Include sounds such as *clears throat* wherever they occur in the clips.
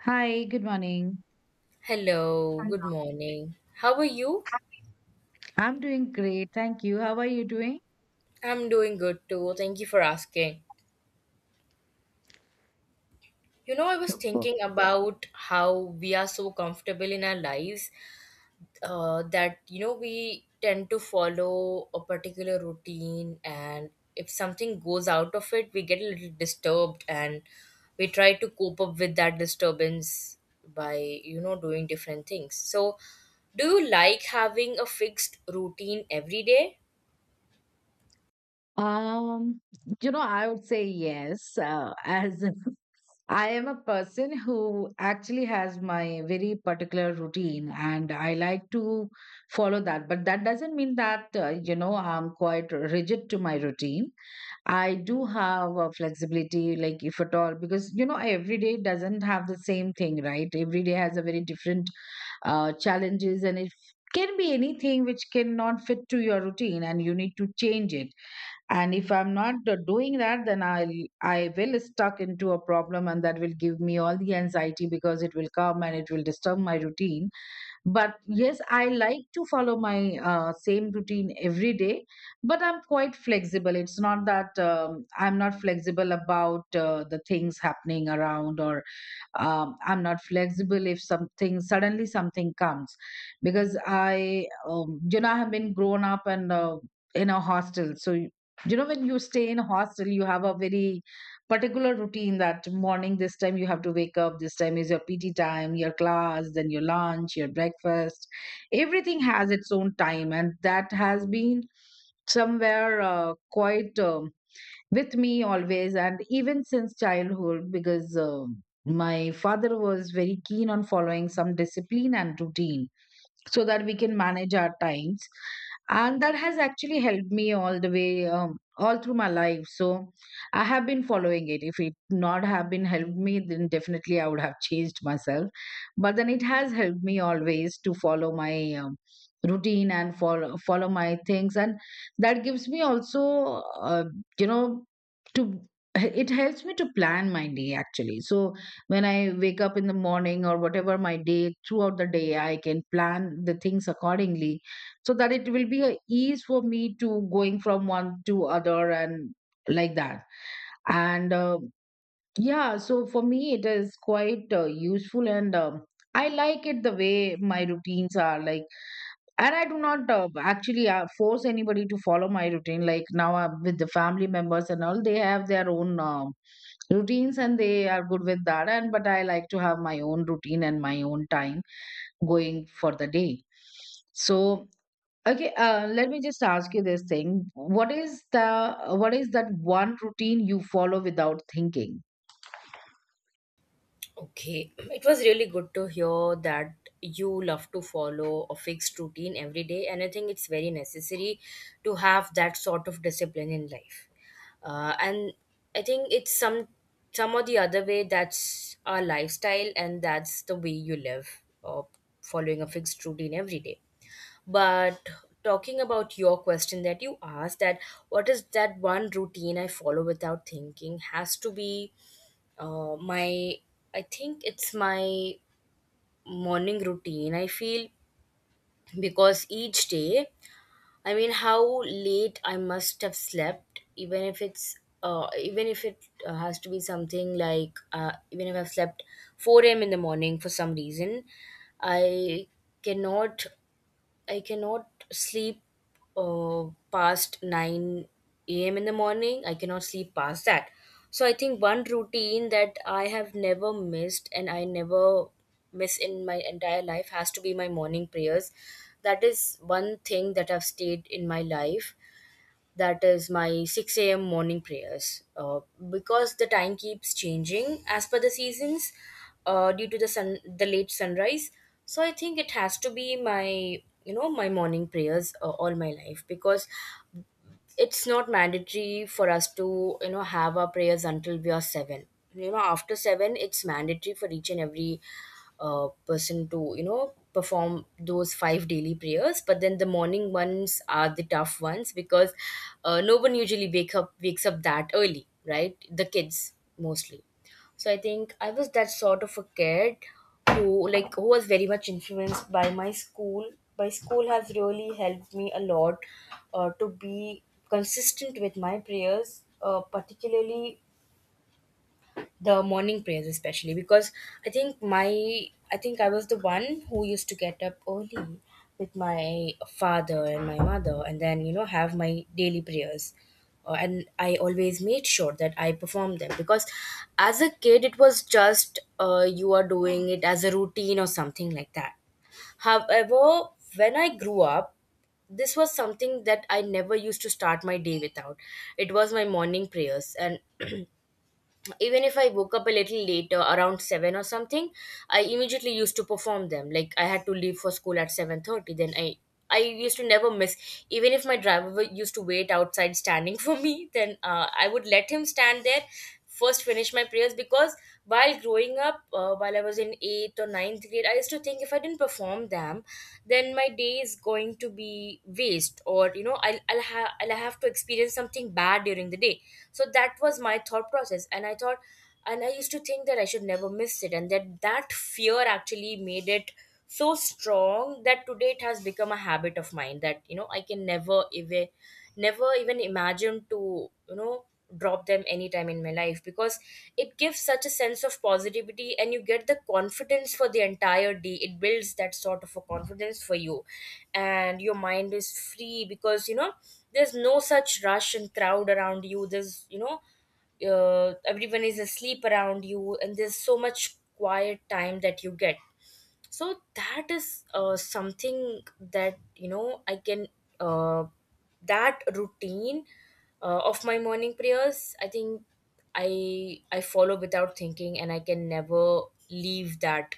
Hi, good morning. Hello, good morning. How are you? I'm doing great. Thank you. How are you doing? I'm doing good too. Thank you for asking. You know, I was Super. thinking about how we are so comfortable in our lives that, you know, we tend to follow a particular routine, and if something goes out of it, we get a little disturbed and we try to cope up with that disturbance by, you know, doing different things. So, do you like having a fixed routine every day? Um, I would say yes, as *laughs* I am a person who actually has my very particular routine, and I like to follow that. But that doesn't mean that, I'm quite rigid to my routine. I do have a flexibility, like if at all, because you know every day doesn't have the same thing, right? Every day has a very different challenges, and it can be anything which cannot fit to your routine, and you need to change it. And if I'm not doing that, then I will stuck into a problem, and that will give me all the anxiety because it will come and it will disturb my routine. But yes, I like to follow my same routine every day. But I'm quite flexible. It's not that I'm not flexible about the things happening around, or I'm not flexible if something suddenly something comes. Because I you know, I have been grown up and in a hostel. So you know, when you stay in a hostel, you have a very particular routine, that morning this time you have to wake up, this time is your PT time, your class, then your lunch, your breakfast. Everything has its own time, and that has been somewhere quite with me always, and even since childhood, because my father was very keen on following some discipline and routine so that we can manage our times. And that has actually helped me all the way, all through my life. So I have been following it. If it not have been helped me, then definitely I would have *laughs* changed myself. But then it has helped me always to follow my um, routine and follow my things. And that gives me also uh, you know to it helps me to plan my day, actually. So when I wake up in the morning, or whatever my day throughout the day, I can plan the things accordingly, so that it will be a ease for me to going from one to other and like that. And yeah, so for me, it is quite useful. And I like it the way my routines are like. And I do not actually force anybody to follow my routine. Like now, with the family members and all, they have their own routines, and they are good with that. And but I like to have my own routine and my own time going for the day. So okay, let me just ask you this thing. What is that one routine you follow without thinking? Okay, *clears throat* it was really good to hear that you love to follow a fixed routine every day, and I think it's very necessary to have that sort of discipline in life. And I think it's some or the other way that's our lifestyle, and that's the way you live, following a fixed routine every day. But talking about your question that you asked, that what is that one routine I follow without thinking has to be uh, my my morning routine, I feel, because each day, I mean, how late I must have slept, even if it's even if it has to be something like even if I've slept 4 a.m in the morning for some reason, i cannot I cannot sleep past 9 a.m. in the morning. I cannot sleep past that. So I think one routine that I have never missed and I never miss in my entire life has to be my morning prayers. That is one thing that have stayed in my life, that is my 6 a.m. morning prayers. Because the time keeps changing as per the seasons due to the sun, the late sunrise. So I think it has to be my, you know, my morning prayers all my life, because it's not mandatory for us to, you know, have our prayers until we are seven. You know, after seven it's mandatory for each and every person to, you know, perform those five daily prayers, but then the morning ones are the tough ones because no one usually wakes up that early, right? The kids mostly. So I think I was that sort of a kid who like who was very much influenced by my school. My school has really helped me a lot to be consistent with my prayers, particularly the morning prayers especially, because i think my I think I was the one who used to get up early with my father and my mother and then, you know, have my daily prayers. And I always made sure that I performed them, because as a kid it was just you are doing it as a routine or something like that. However, when I grew up, this was something that I never used to start my day without. It was my morning prayers, and even if I woke up a little later around 7 or something, I immediately used to perform them. Like, I had to leave for school at 7:30, then I used to never miss. Even if my driver used to wait outside standing *laughs* for me, then I would let him stand there, first finish my prayers, because while growing up, while I was in eighth or ninth grade, I used to think if I didn't perform them, then my day is going to be waste, or, you know, I'll have to experience something bad during the day. So that was my thought process, and I thought, and I used to think that I should never miss it, and that fear actually made it so strong that today it has become a habit of mine, that, you know, I can never even, never even imagine to, you know, drop them anytime in my life, because it gives such a sense of positivity and you get the confidence for the entire day. It builds that sort of a confidence for you, and your mind is free because, you know, there's no such rush and crowd around you. There's, you know, everyone is asleep around you, and there's so much quiet time that you get. So that is something that, you know, I can uh, that routine of my morning prayers, I think i I follow without thinking, and I can never leave that,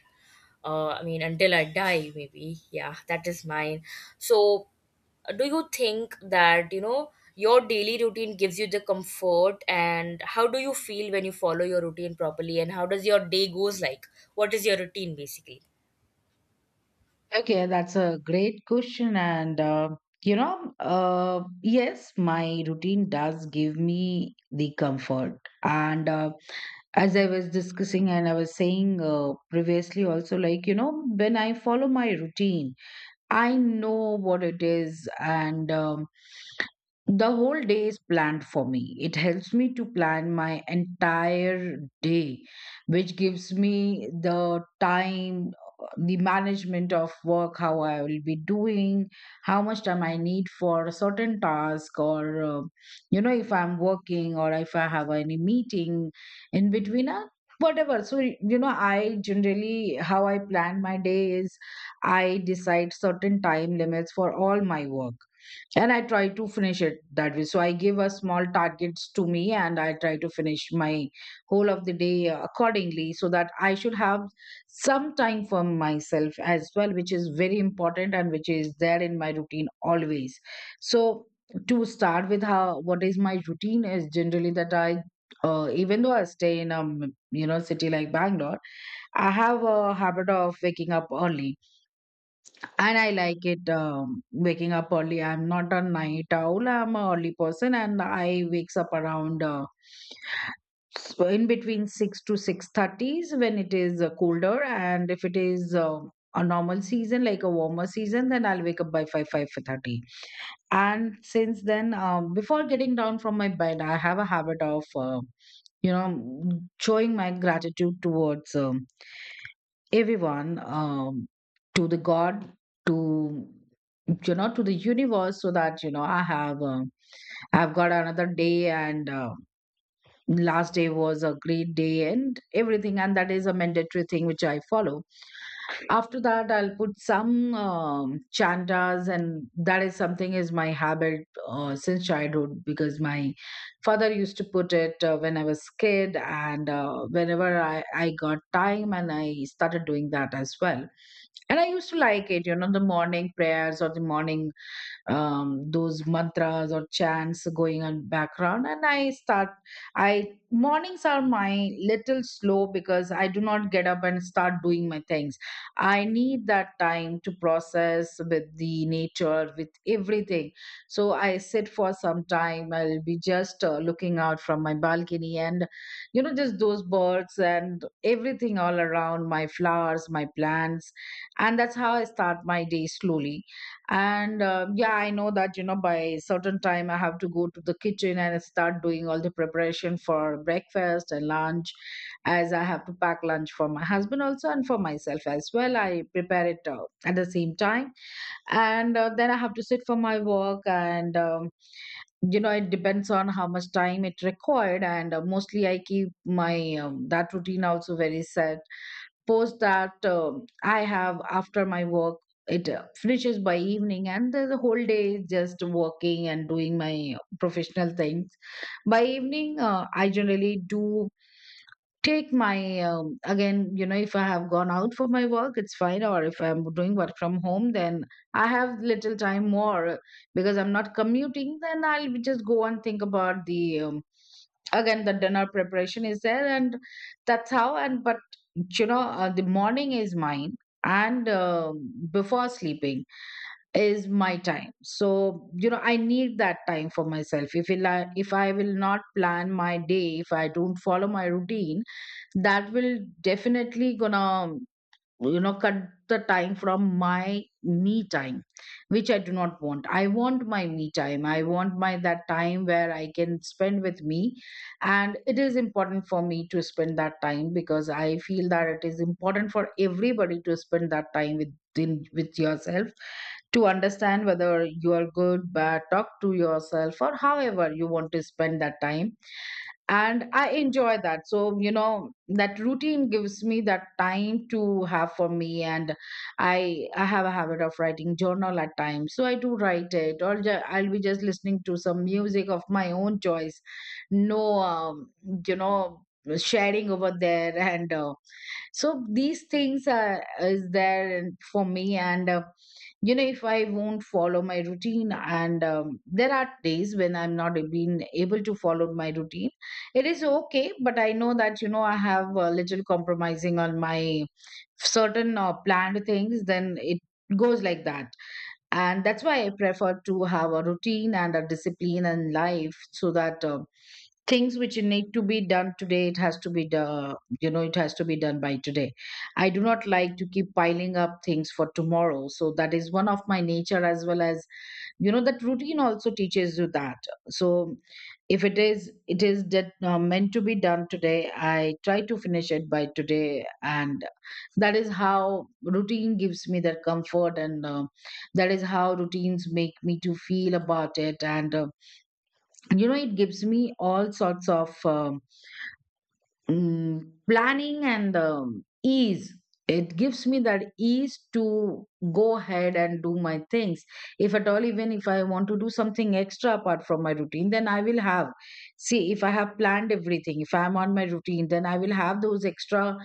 I mean, until I die, maybe. Yeah, that is mine. So do you think that, you know, your daily routine gives you the comfort, and how do you feel when you follow your routine properly, and how does your day goes like? What is your routine basically? Okay, that's a great question. And, yes, my routine does give me the comfort. And as I was discussing and I was saying previously, also, like, when I follow my routine, I know what it is. And the whole day is planned for me. It helps me to plan my entire day, which gives me the time, the management of work, how I will be doing, how much time I need for a certain task, or if I'm working or if I have any meeting in between, whatever. So, I generally, how I plan my day is. I decide certain time limits for all my work, and I try to finish it that way. So I give a small targets to me, and I try to finish my whole of the day accordingly, so that I should have some time for myself as well, which is very important and which is there in my routine always. So to start with, how what is my routine is generally that I even though I stay in a city like Bangalore, I have a habit of waking up early, and I like it, waking up early. I'm not a night owl. I'm an early person, and I wakes up around so in between 6 to 6:30s when it is colder, and if it is a normal season, like a warmer season, then I'll wake up by 5, 5:30. And since then, before getting down from my bed, I have a habit of you know, showing my gratitude towards everyone, to the God, to you know, to the universe, so that you know, I have I've got another day, and last day was a great day and everything. And that is a mandatory thing which I follow. After that, I'll put some chandas, and that is something is my habit since childhood, because my father used to put it when I was kid. And whenever I got time, and I started doing that as well. And I used to like it, the morning prayers or the morning those mantras or chants going on background. And I mornings are my little slow, because I do not get up and start doing my things. I need that time to process with the nature, with everything. So I sit for some time. I'll be just looking out from my balcony and you know, just those birds and everything all around, my flowers, my plants. And that's how I start my day slowly. And yeah, I know that you know, by certain time I have to go to the kitchen and start doing all the preparation for breakfast and lunch, as I have to pack lunch for my husband also, and for myself as well I prepare it at the same time. And then I have to sit for my work. And it depends on how much time it required. And mostly I keep my that routine also very set. Post that, I have after my work. It finishes by evening, and the whole day is just working and doing my professional things. By evening, I generally do take my again, you know, if I have gone out for my work, it's fine, or if I'm doing work from home, then I have little time more, because I'm not commuting. Then I'll be just go and think about the again, the dinner preparation is there. And that's how. And but the morning is mine, and before sleeping is my time. So you know, I need that time for myself. If I, if I will not plan my day, if I don't follow my routine, that will definitely gonna cut the time from my me time, which I do not want. I want my me time. I want my that time where I can spend with me. And it is important for me to spend that time, because I feel that it is important for everybody to spend that time within with yourself to understand whether you are good, bad, talk to yourself, or however you want to spend that time. And I enjoy that. So you know, that routine gives me that time to have for me. And I have a habit of writing journal at times, so I do write it, or I'll be just listening to some music of my own choice. No, you know sharing over there *laughs* and so these things are is there for me. And if I won't follow my routine, and there are days when I'm not being able to follow my routine, it is okay. But I know that you know, I have a little compromising on my certain planned things, then it goes like that. And that's why I prefer to have a routine and a discipline in life, so that things which need to be done today, it has to be done, you know, it has to be done by today. I do not like to keep piling up things for tomorrow. So that is one of my nature, as well as you know, that routine also teaches you that. So if it is that meant to be done today, I try to finish it by today. And that is how routine gives me that comfort. And that is how routines make me to feel about it. And you know, it gives me all sorts of mm, planning and ease. It gives me that ease to go ahead and do my things. If at all, even if I want to do something extra apart from my routine, then I will have, see, if I have planned everything, if I am on my routine, then I will have those extra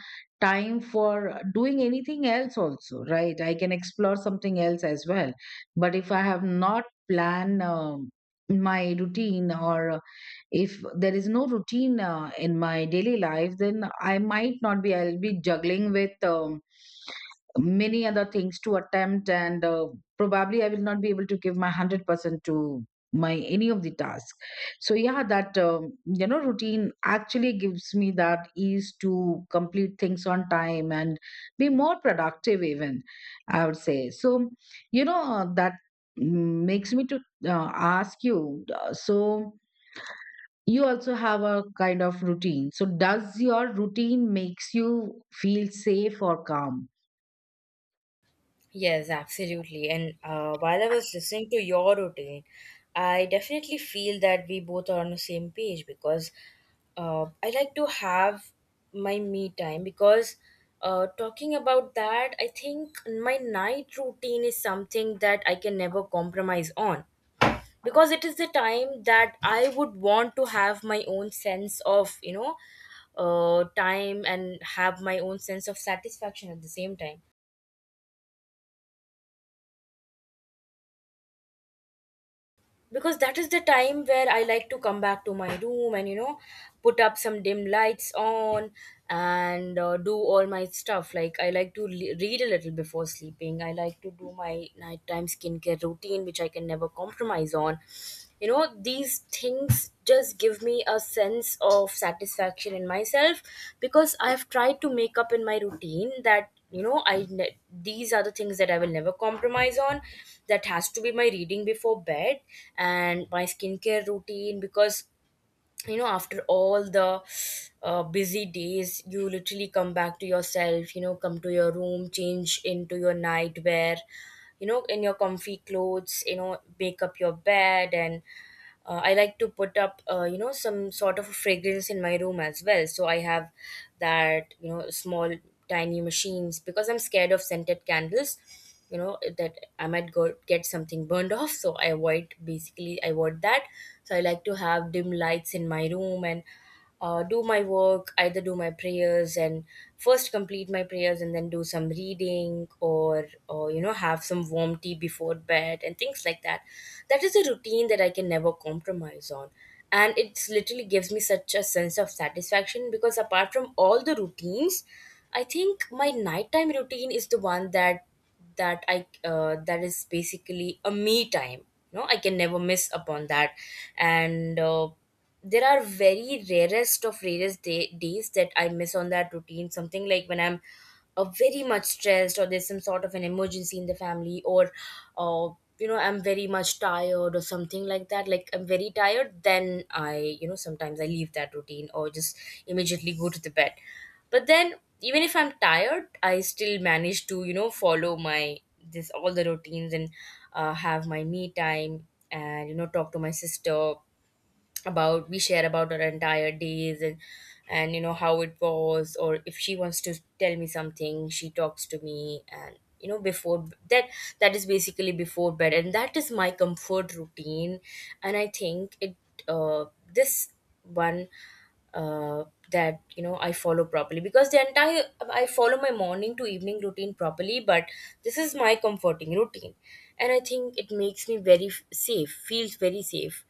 time for Doing anything else also, right? I can explore something else as well. But if I have not planned, my routine, or if there is no routine in my daily life, then I might not be I'll be juggling with many other things to attempt, and probably I will not be able to give my 100% to my any of the task. So yeah, that you know routine actually gives me that ease to complete things on time and be more productive, even, I would say. So that makes me to ask you, so you also have a kind of routine. So does your routine makes you feel safe or calm? Yes, absolutely. And while I was listening to your routine, I definitely feel that we both are on the same page, because I like to have my me time. Because talking about that, I think my night routine is something that I can never compromise on, because it is the time that I would want to have my own sense of, you know, time and have my own sense of satisfaction at the same time, because that is the time where I like to come back to my room and, you know, put up some dim lights on and do all my stuff. Like, I like to read a little before sleeping. I like to do my nighttime skincare routine, which I can never compromise on. You know, these things just give me a sense of satisfaction in myself, because I've tried to make up in my routine that, you know, these are the things that I will never compromise on. That has to be my reading before bed and my skincare routine, because, you know, after all the busy days, you literally come back to yourself, you know, come to your room, change into your nightwear, you know, in your comfy clothes, you know, make up your bed, and I like to put up, you know, some sort of a fragrance in my room as well. So I have that, you know, small tiny machines, because I'm scared of scented candles, you know, that I might go get something burned off, so I avoid, basically I avoid that. So I like to have dim lights in my room and do my work, either do my prayers and first complete my prayers and then do some reading, or, you know, have some warm tea before bed and things like that. That is a routine that I can never compromise on. And it literally gives me such a sense of satisfaction, because apart from all the routines, I think my nighttime routine is the one that I that is basically a me time. No, I can never miss upon that, and there are very rarest of rarest days that I miss on that routine. Something like when I'm very much stressed, or there's some sort of an emergency in the family, or uh, you know, I'm very much tired or something like that. Like, I'm very tired, then I, you know, sometimes I leave that routine or just immediately go to the bed. But then, even if I'm tired, I still manage to, you know, follow my this all the routines, and have my me time and, you know, talk to my sister about, we share about our entire days, and, you know, how it was, or if she wants to tell me something, she talks to me. And, you know, before that, that is basically before bed, and that is my comfort routine, and I think it uh this one uh that, you know, I follow properly, because the entire, I follow my morning to evening routine properly, but this is my comforting routine, and I think it makes me very safe, feels very safe.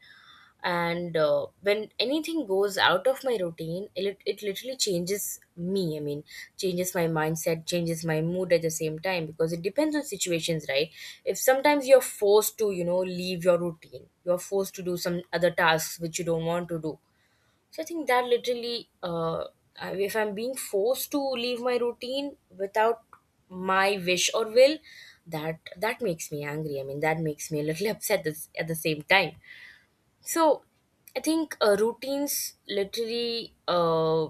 And when anything goes out of my routine, it, it literally changes me, I mean changes my mindset, changes my mood at the same time, because it depends on situations, right? If sometimes you're forced to, you know, leave your routine, you're forced to do some other tasks which you don't want to do, so I think that literally if I'm being forced to leave my routine without my wish or will, that makes me angry, I mean that makes me a little *laughs* upset at the same time. So, I think routines literally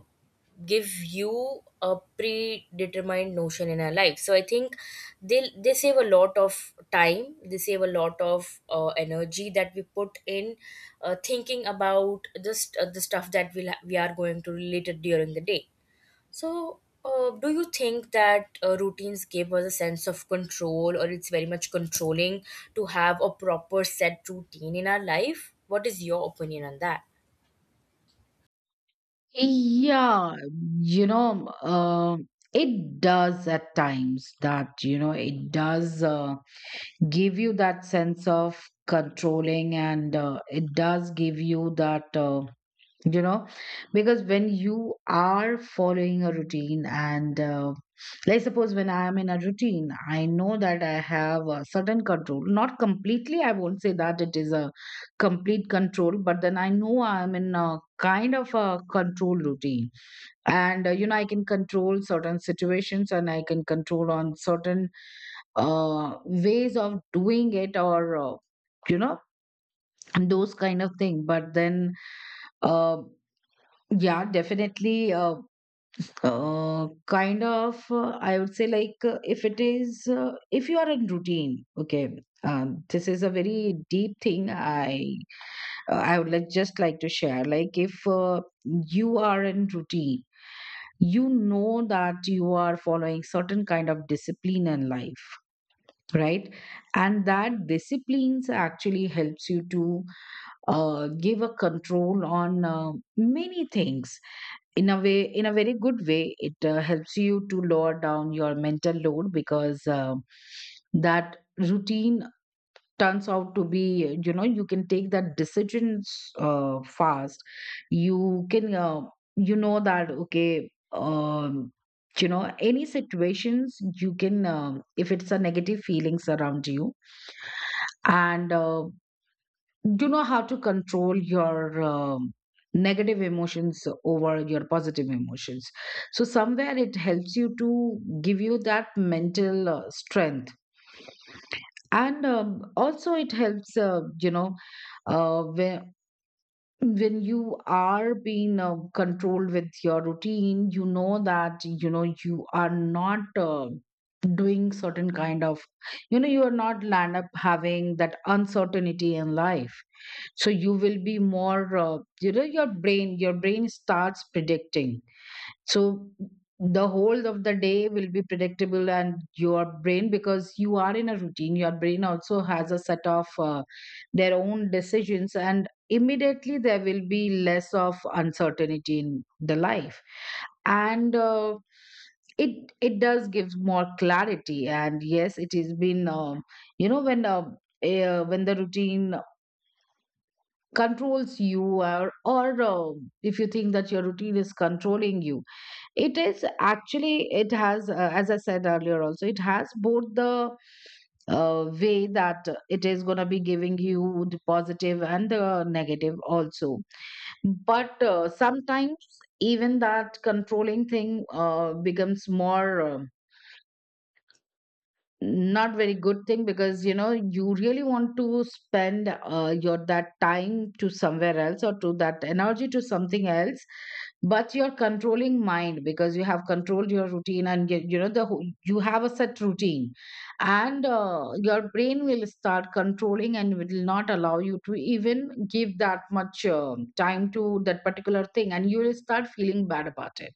give you a predetermined notion in our life. So, I think they save a lot of time. They save a lot of energy that we put in thinking about just the stuff that we are going to relate it during the day. So, do you think that routines give us a sense of control, or it's very much controlling to have a proper set routine in our life? What is your opinion on that? Yeah. you know uh, it does at times, that you know, it does give you that sense of controlling, and it does give you that, you know because when you are following a routine, and let's suppose when I am in a routine, I know that I have a certain control. Not completely, I won't say that it is a complete control, but then I know I am in a kind of a control routine. And you know, I can control certain situations, and I can control on certain ways of doing it, or you know those kind of thing. But then uh. Yeah, definitely. Kind of, I would say, like, if it is, if you are in routine, okay, this is a very deep thing. I would like to share. Like, if you are in routine, you know that you are following certain kind of discipline in life, right? And that disciplines actually helps you to give a control on many things. In a way, in a very good way, it helps you to lower down your mental load, because that routine turns out to be, you know, you can take that decisions fast. You can that okay, you know, any situations you can if it's a negative feelings around you, and you know how to control your negative emotions over your positive emotions. So somewhere it helps you to give you that mental strength. And also it helps, uh, whe- when you are being controlled with your routine, you know that, you know, you are not doing certain kind of, you know, you are not land up having that uncertainty in life. So you will be more, your brain, starts predicting. So the whole of the day will be predictable, and your brain, because you are in a routine, your brain also has a set of their own decisions, and immediately there will be less of uncertainty in the life. And it does give more clarity. And yes, it has been you know when. When the routine controls you, or if you think that your routine is controlling you, it is actually, it has, as I said earlier also, it has both the way, that it is going to be giving you the positive and the negative also. But sometimes even that controlling thing becomes more not very good thing, because you know, you really want to spend your that time to somewhere else, or to that energy to something else, but you're controlling mind, because you have controlled your routine, and you know the whole- you have a set routine, and your brain will start controlling and will not allow you to even give that much time to that particular thing, and you will start feeling bad about it.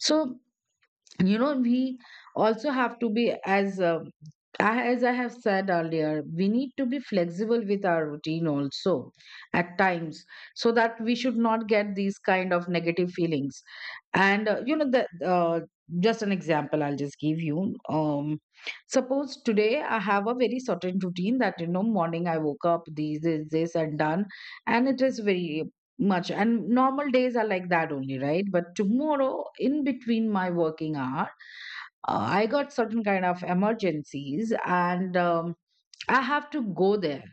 So you know, we also have to be as, as I have said earlier, we need to be flexible with our routine also at times, so that we should not get these kind of negative feelings. And you know the uh, just an example I'll just give you. um Suppose today I have a very certain routine, that you know, morning I woke up, this, and done. And it is very much, and normal days are like that only, right? But tomorrow, in between my working hour, I got certain kind of emergencies, and I have to go there,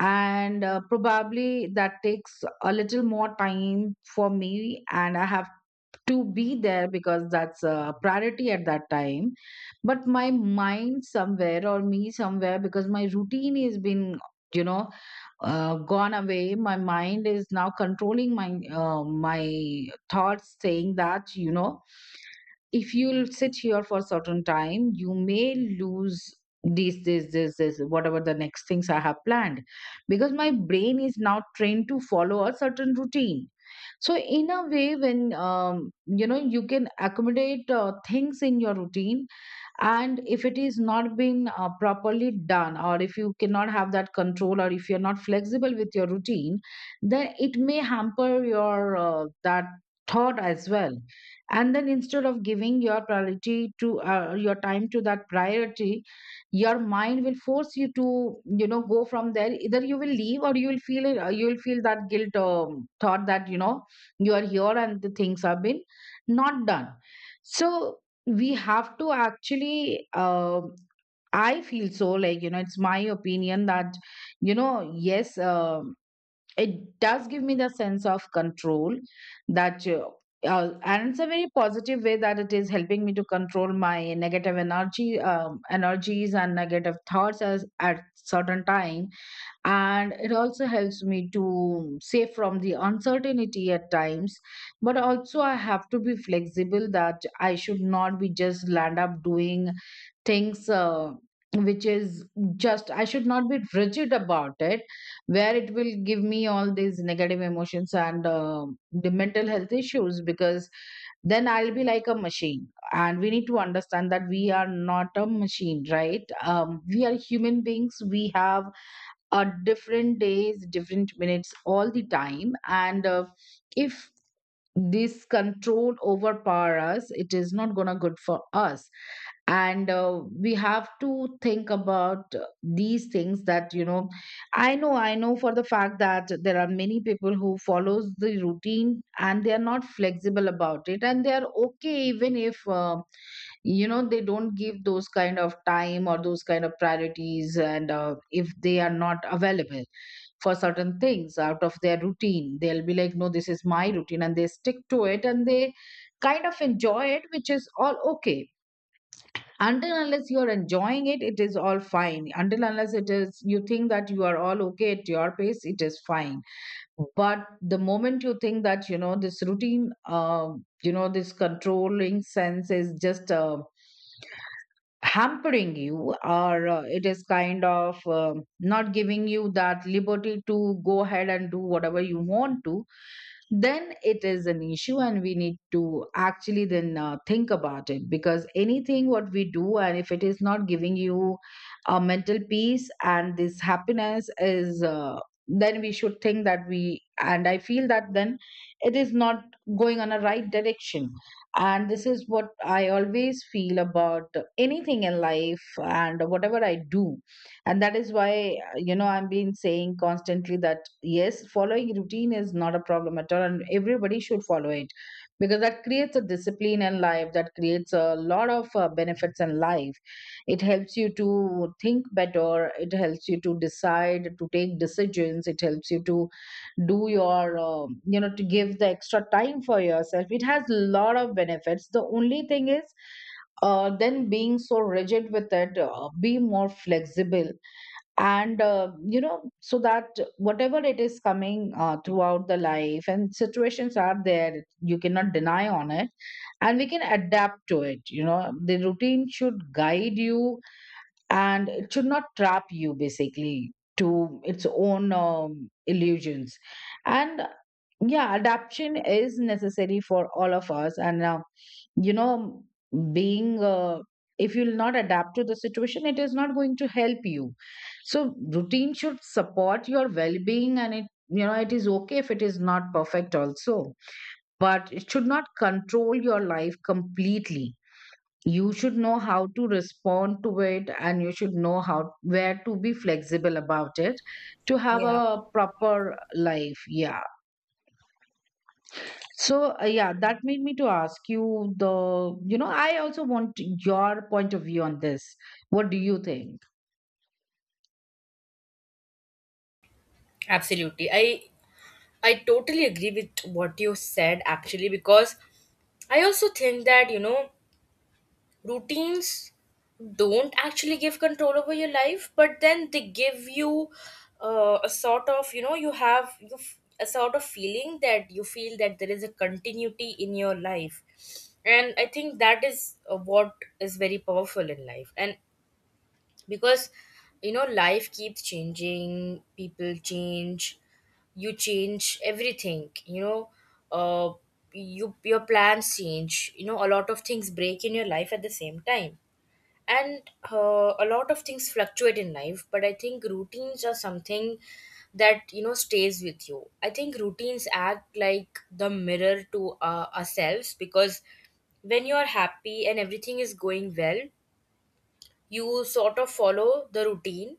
and probably that takes a little more time for me, and I have to be there because that's a priority at that time. But my mind somewhere, or me somewhere, because my routine has been, you know, gone away, my mind is now controlling my my thoughts, saying that, you know, if you'll sit here for a certain time, you may lose this, this, this, this, whatever the next things I have planned. Because my brain is now trained to follow a certain routine. So, in a way, when you know, you can accommodate things in your routine, and if it is not being properly done, or if you cannot have that control, or if you're not flexible with your routine, then it may hamper your that thought as well. And then instead of giving your priority to your time to that priority, your mind will force you to, you know, go from there. Either you will leave, or you will feel it, you will feel that guilt thought, that you know, you are here and the things have been not done. So we have to actually I feel so, like, you know, it's my opinion that, you know, yes, it does give me the sense of control, that and it's a very positive way that it is helping me to control my negative energy energies and negative thoughts as, at certain time. And it also helps me to save from the uncertainty at times. But also I have to be flexible, that I should not be just land up doing things which is, just I should not be rigid about it, where it will give me all these negative emotions, and the mental health issues, because then I'll be like a machine. And we need to understand that we are not a machine, right? We are human beings, we have different days, different minutes, all the time. And if this control overpower us, it is not gonna good for us. And we have to think about these things, that you know, I know for the fact that there are many people who follows the routine and they are not flexible about it, and they are okay even if you know they don't give those kind of time or those kind of priorities, and if they are not available for certain things out of their routine. They'll be like, no, this is my routine, and they stick to it, and they kind of enjoy it, which is all okay. Until unless you're enjoying it, it is all fine. Until unless it is you think that you are all okay at your pace, it is fine. But the moment you think that, you know, this routine, you know, this controlling sense is just a hampering you, or it is kind of not giving you that liberty to go ahead and do whatever you want to, then it is an issue, and we need to actually then think about it. Because anything what we do, and if it is not giving you a mental peace and this happiness is, then we should think that we, and I feel that, then it is not going on a right direction. And this is what I always feel about anything in life and whatever I do. And that is why you know, I've been saying constantly that yes, following routine is not a problem at all, and everybody should follow it, because that creates a discipline in life, that creates a lot of benefits in life. It helps you to think better, it helps you to decide, to take decisions, it helps you to do your you know, to give the extra time for yourself. It has a lot of benefits. The only thing is, then being so rigid with it, be more flexible. And you know, so that whatever it is coming throughout the life, and situations are there, you cannot deny on it, and we can adapt to it. You know, the routine should guide you, and it should not trap you basically to its own illusions. And yeah, adaptation is necessary for all of us. And you know being if you'll not adapt to the situation, it is not going to help you. So routine should support your well-being, and it, you know, it is okay if it is not perfect also, but it should not control your life completely. You should know how to respond to it, and you should know how, where to be flexible about it, to have Yeah, a proper life. Yeah. So yeah, that made me to ask you the, you know, I also want your point of view on this. What do you think? absolutely. I totally agree with what you said actually, because I also think that, you know, routines don't actually give control over your life, but then they give you a sort of, you know, you have a sort of feeling that you feel that there is a continuity in your life. And I think that is what is very powerful in life. And because, you know, life keeps changing, people change, you change everything, you know. uh you your plans change, you know, a lot of things break in your life at the same time, and a lot of things fluctuate in life, but I think routines are something that, you know, stays with you. I think routines act like the mirror to ourselves, because when you are happy and everything is going well, you sort of follow the routine,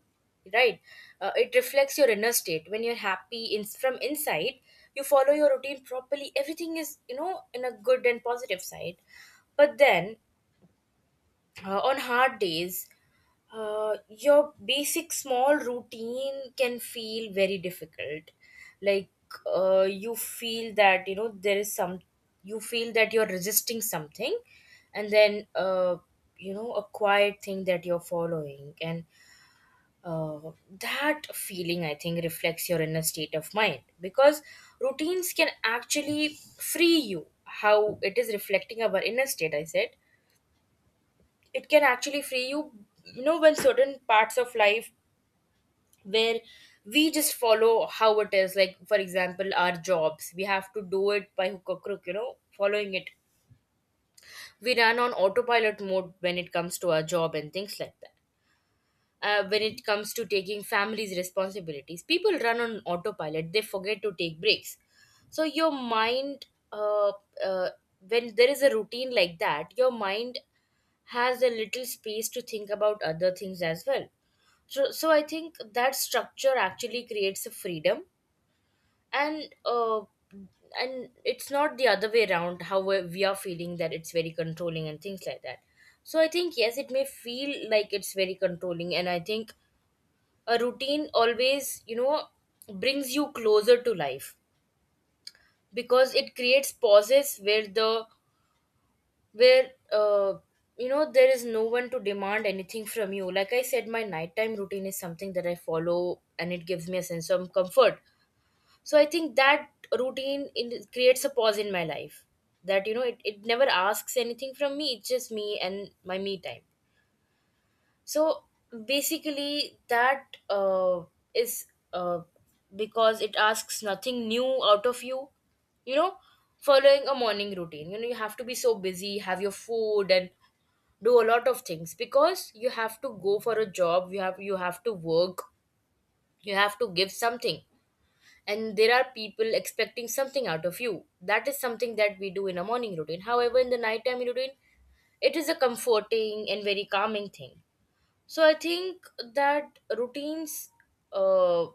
right? It reflects your inner state. When you're happy in, from inside, you follow your routine properly, everything is, you know, in a good and positive side. But then, on hard days, your basic small routine can feel very difficult. Like, you feel that, you know, there is some, you feel that you're resisting something. And then, you know, a quiet thing that you're following. And uh, that feeling, I think, reflects your inner state of mind, because routines can actually free you. How it is reflecting our inner state, I said, it can actually free you, you know, when certain parts of life, where we just follow how it is, like for example our jobs, we have to do it by hook or crook, you know, following it. We run on autopilot mode when it comes to our job and things like that. When it comes to taking families responsibilities, people run on autopilot, they forget to take breaks. So your mind, uh, uh, when there is a routine like that, your mind has a little space to think about other things as well. So, so I think that structure actually creates a freedom. And and it's not the other way around, how we are feeling that it's very controlling and things like that. So I think yes, it may feel like it's very controlling, and I think a routine always, you know, brings you closer to life, because it creates pauses where the, where you know, there is no one to demand anything from you. Like I said, my nighttime routine is something that I follow and it gives me a sense of comfort. So I think that routine in, creates a pause in my life that, you know, it never asks anything from me. It's just me and my me time. So basically that is uh, because it asks nothing new out of you. You know, following a morning routine, you know, you have to be so busy, have your food and do a lot of things because you have to go for a job, you have, you have to work, you have to give something, and there are people expecting something out of you. That is something that we do in a morning routine. However, in the nighttime routine, it is a comforting and very calming thing. So I think that routines uh,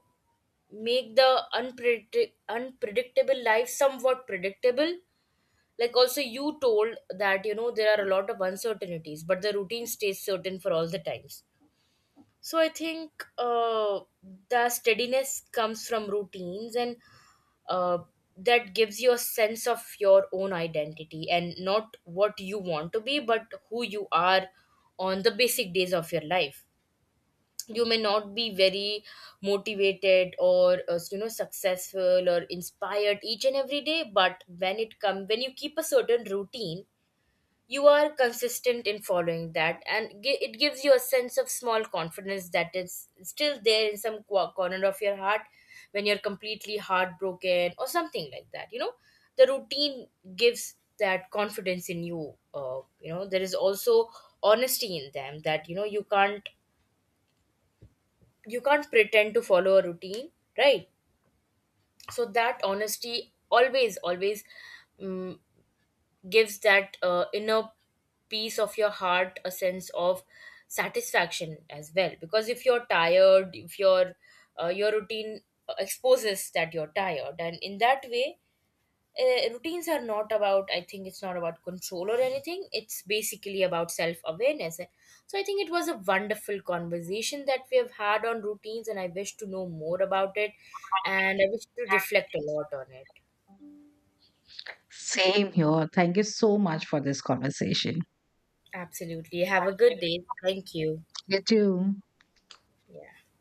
make the unpredictable life somewhat predictable. Like, also you told that, you know, there are a lot of uncertainties, but the routine stays certain for all the times. So I think the steadiness comes from routines, and uh, that gives you a sense of your own identity, and not what you want to be, but who you are on the basic days of your life. You may not be very motivated or you know, successful or inspired each and every day, but when it come, when you keep a certain routine, you are consistent in following that, and it gives you a sense of small confidence that is still there in some corner of your heart when you're completely heartbroken or something like that. You know, the routine gives that confidence in you. You know, there is also honesty in them that, you know, you can't, you can't pretend to follow a routine, right? So that honesty always, always, mm, gives that inner piece of your heart a sense of satisfaction as well, because if you're tired, if your your routine exposes that you're tired. And in that way, routines are not about, I think it's not about control or anything, it's basically about self awareness. So I think it was a wonderful conversation that we have had on routines, and I wish to know more about it, and I wish to reflect a lot on it. Same here, thank you so much for this conversation. Absolutely. Have a good day, thank you. You too. Yeah.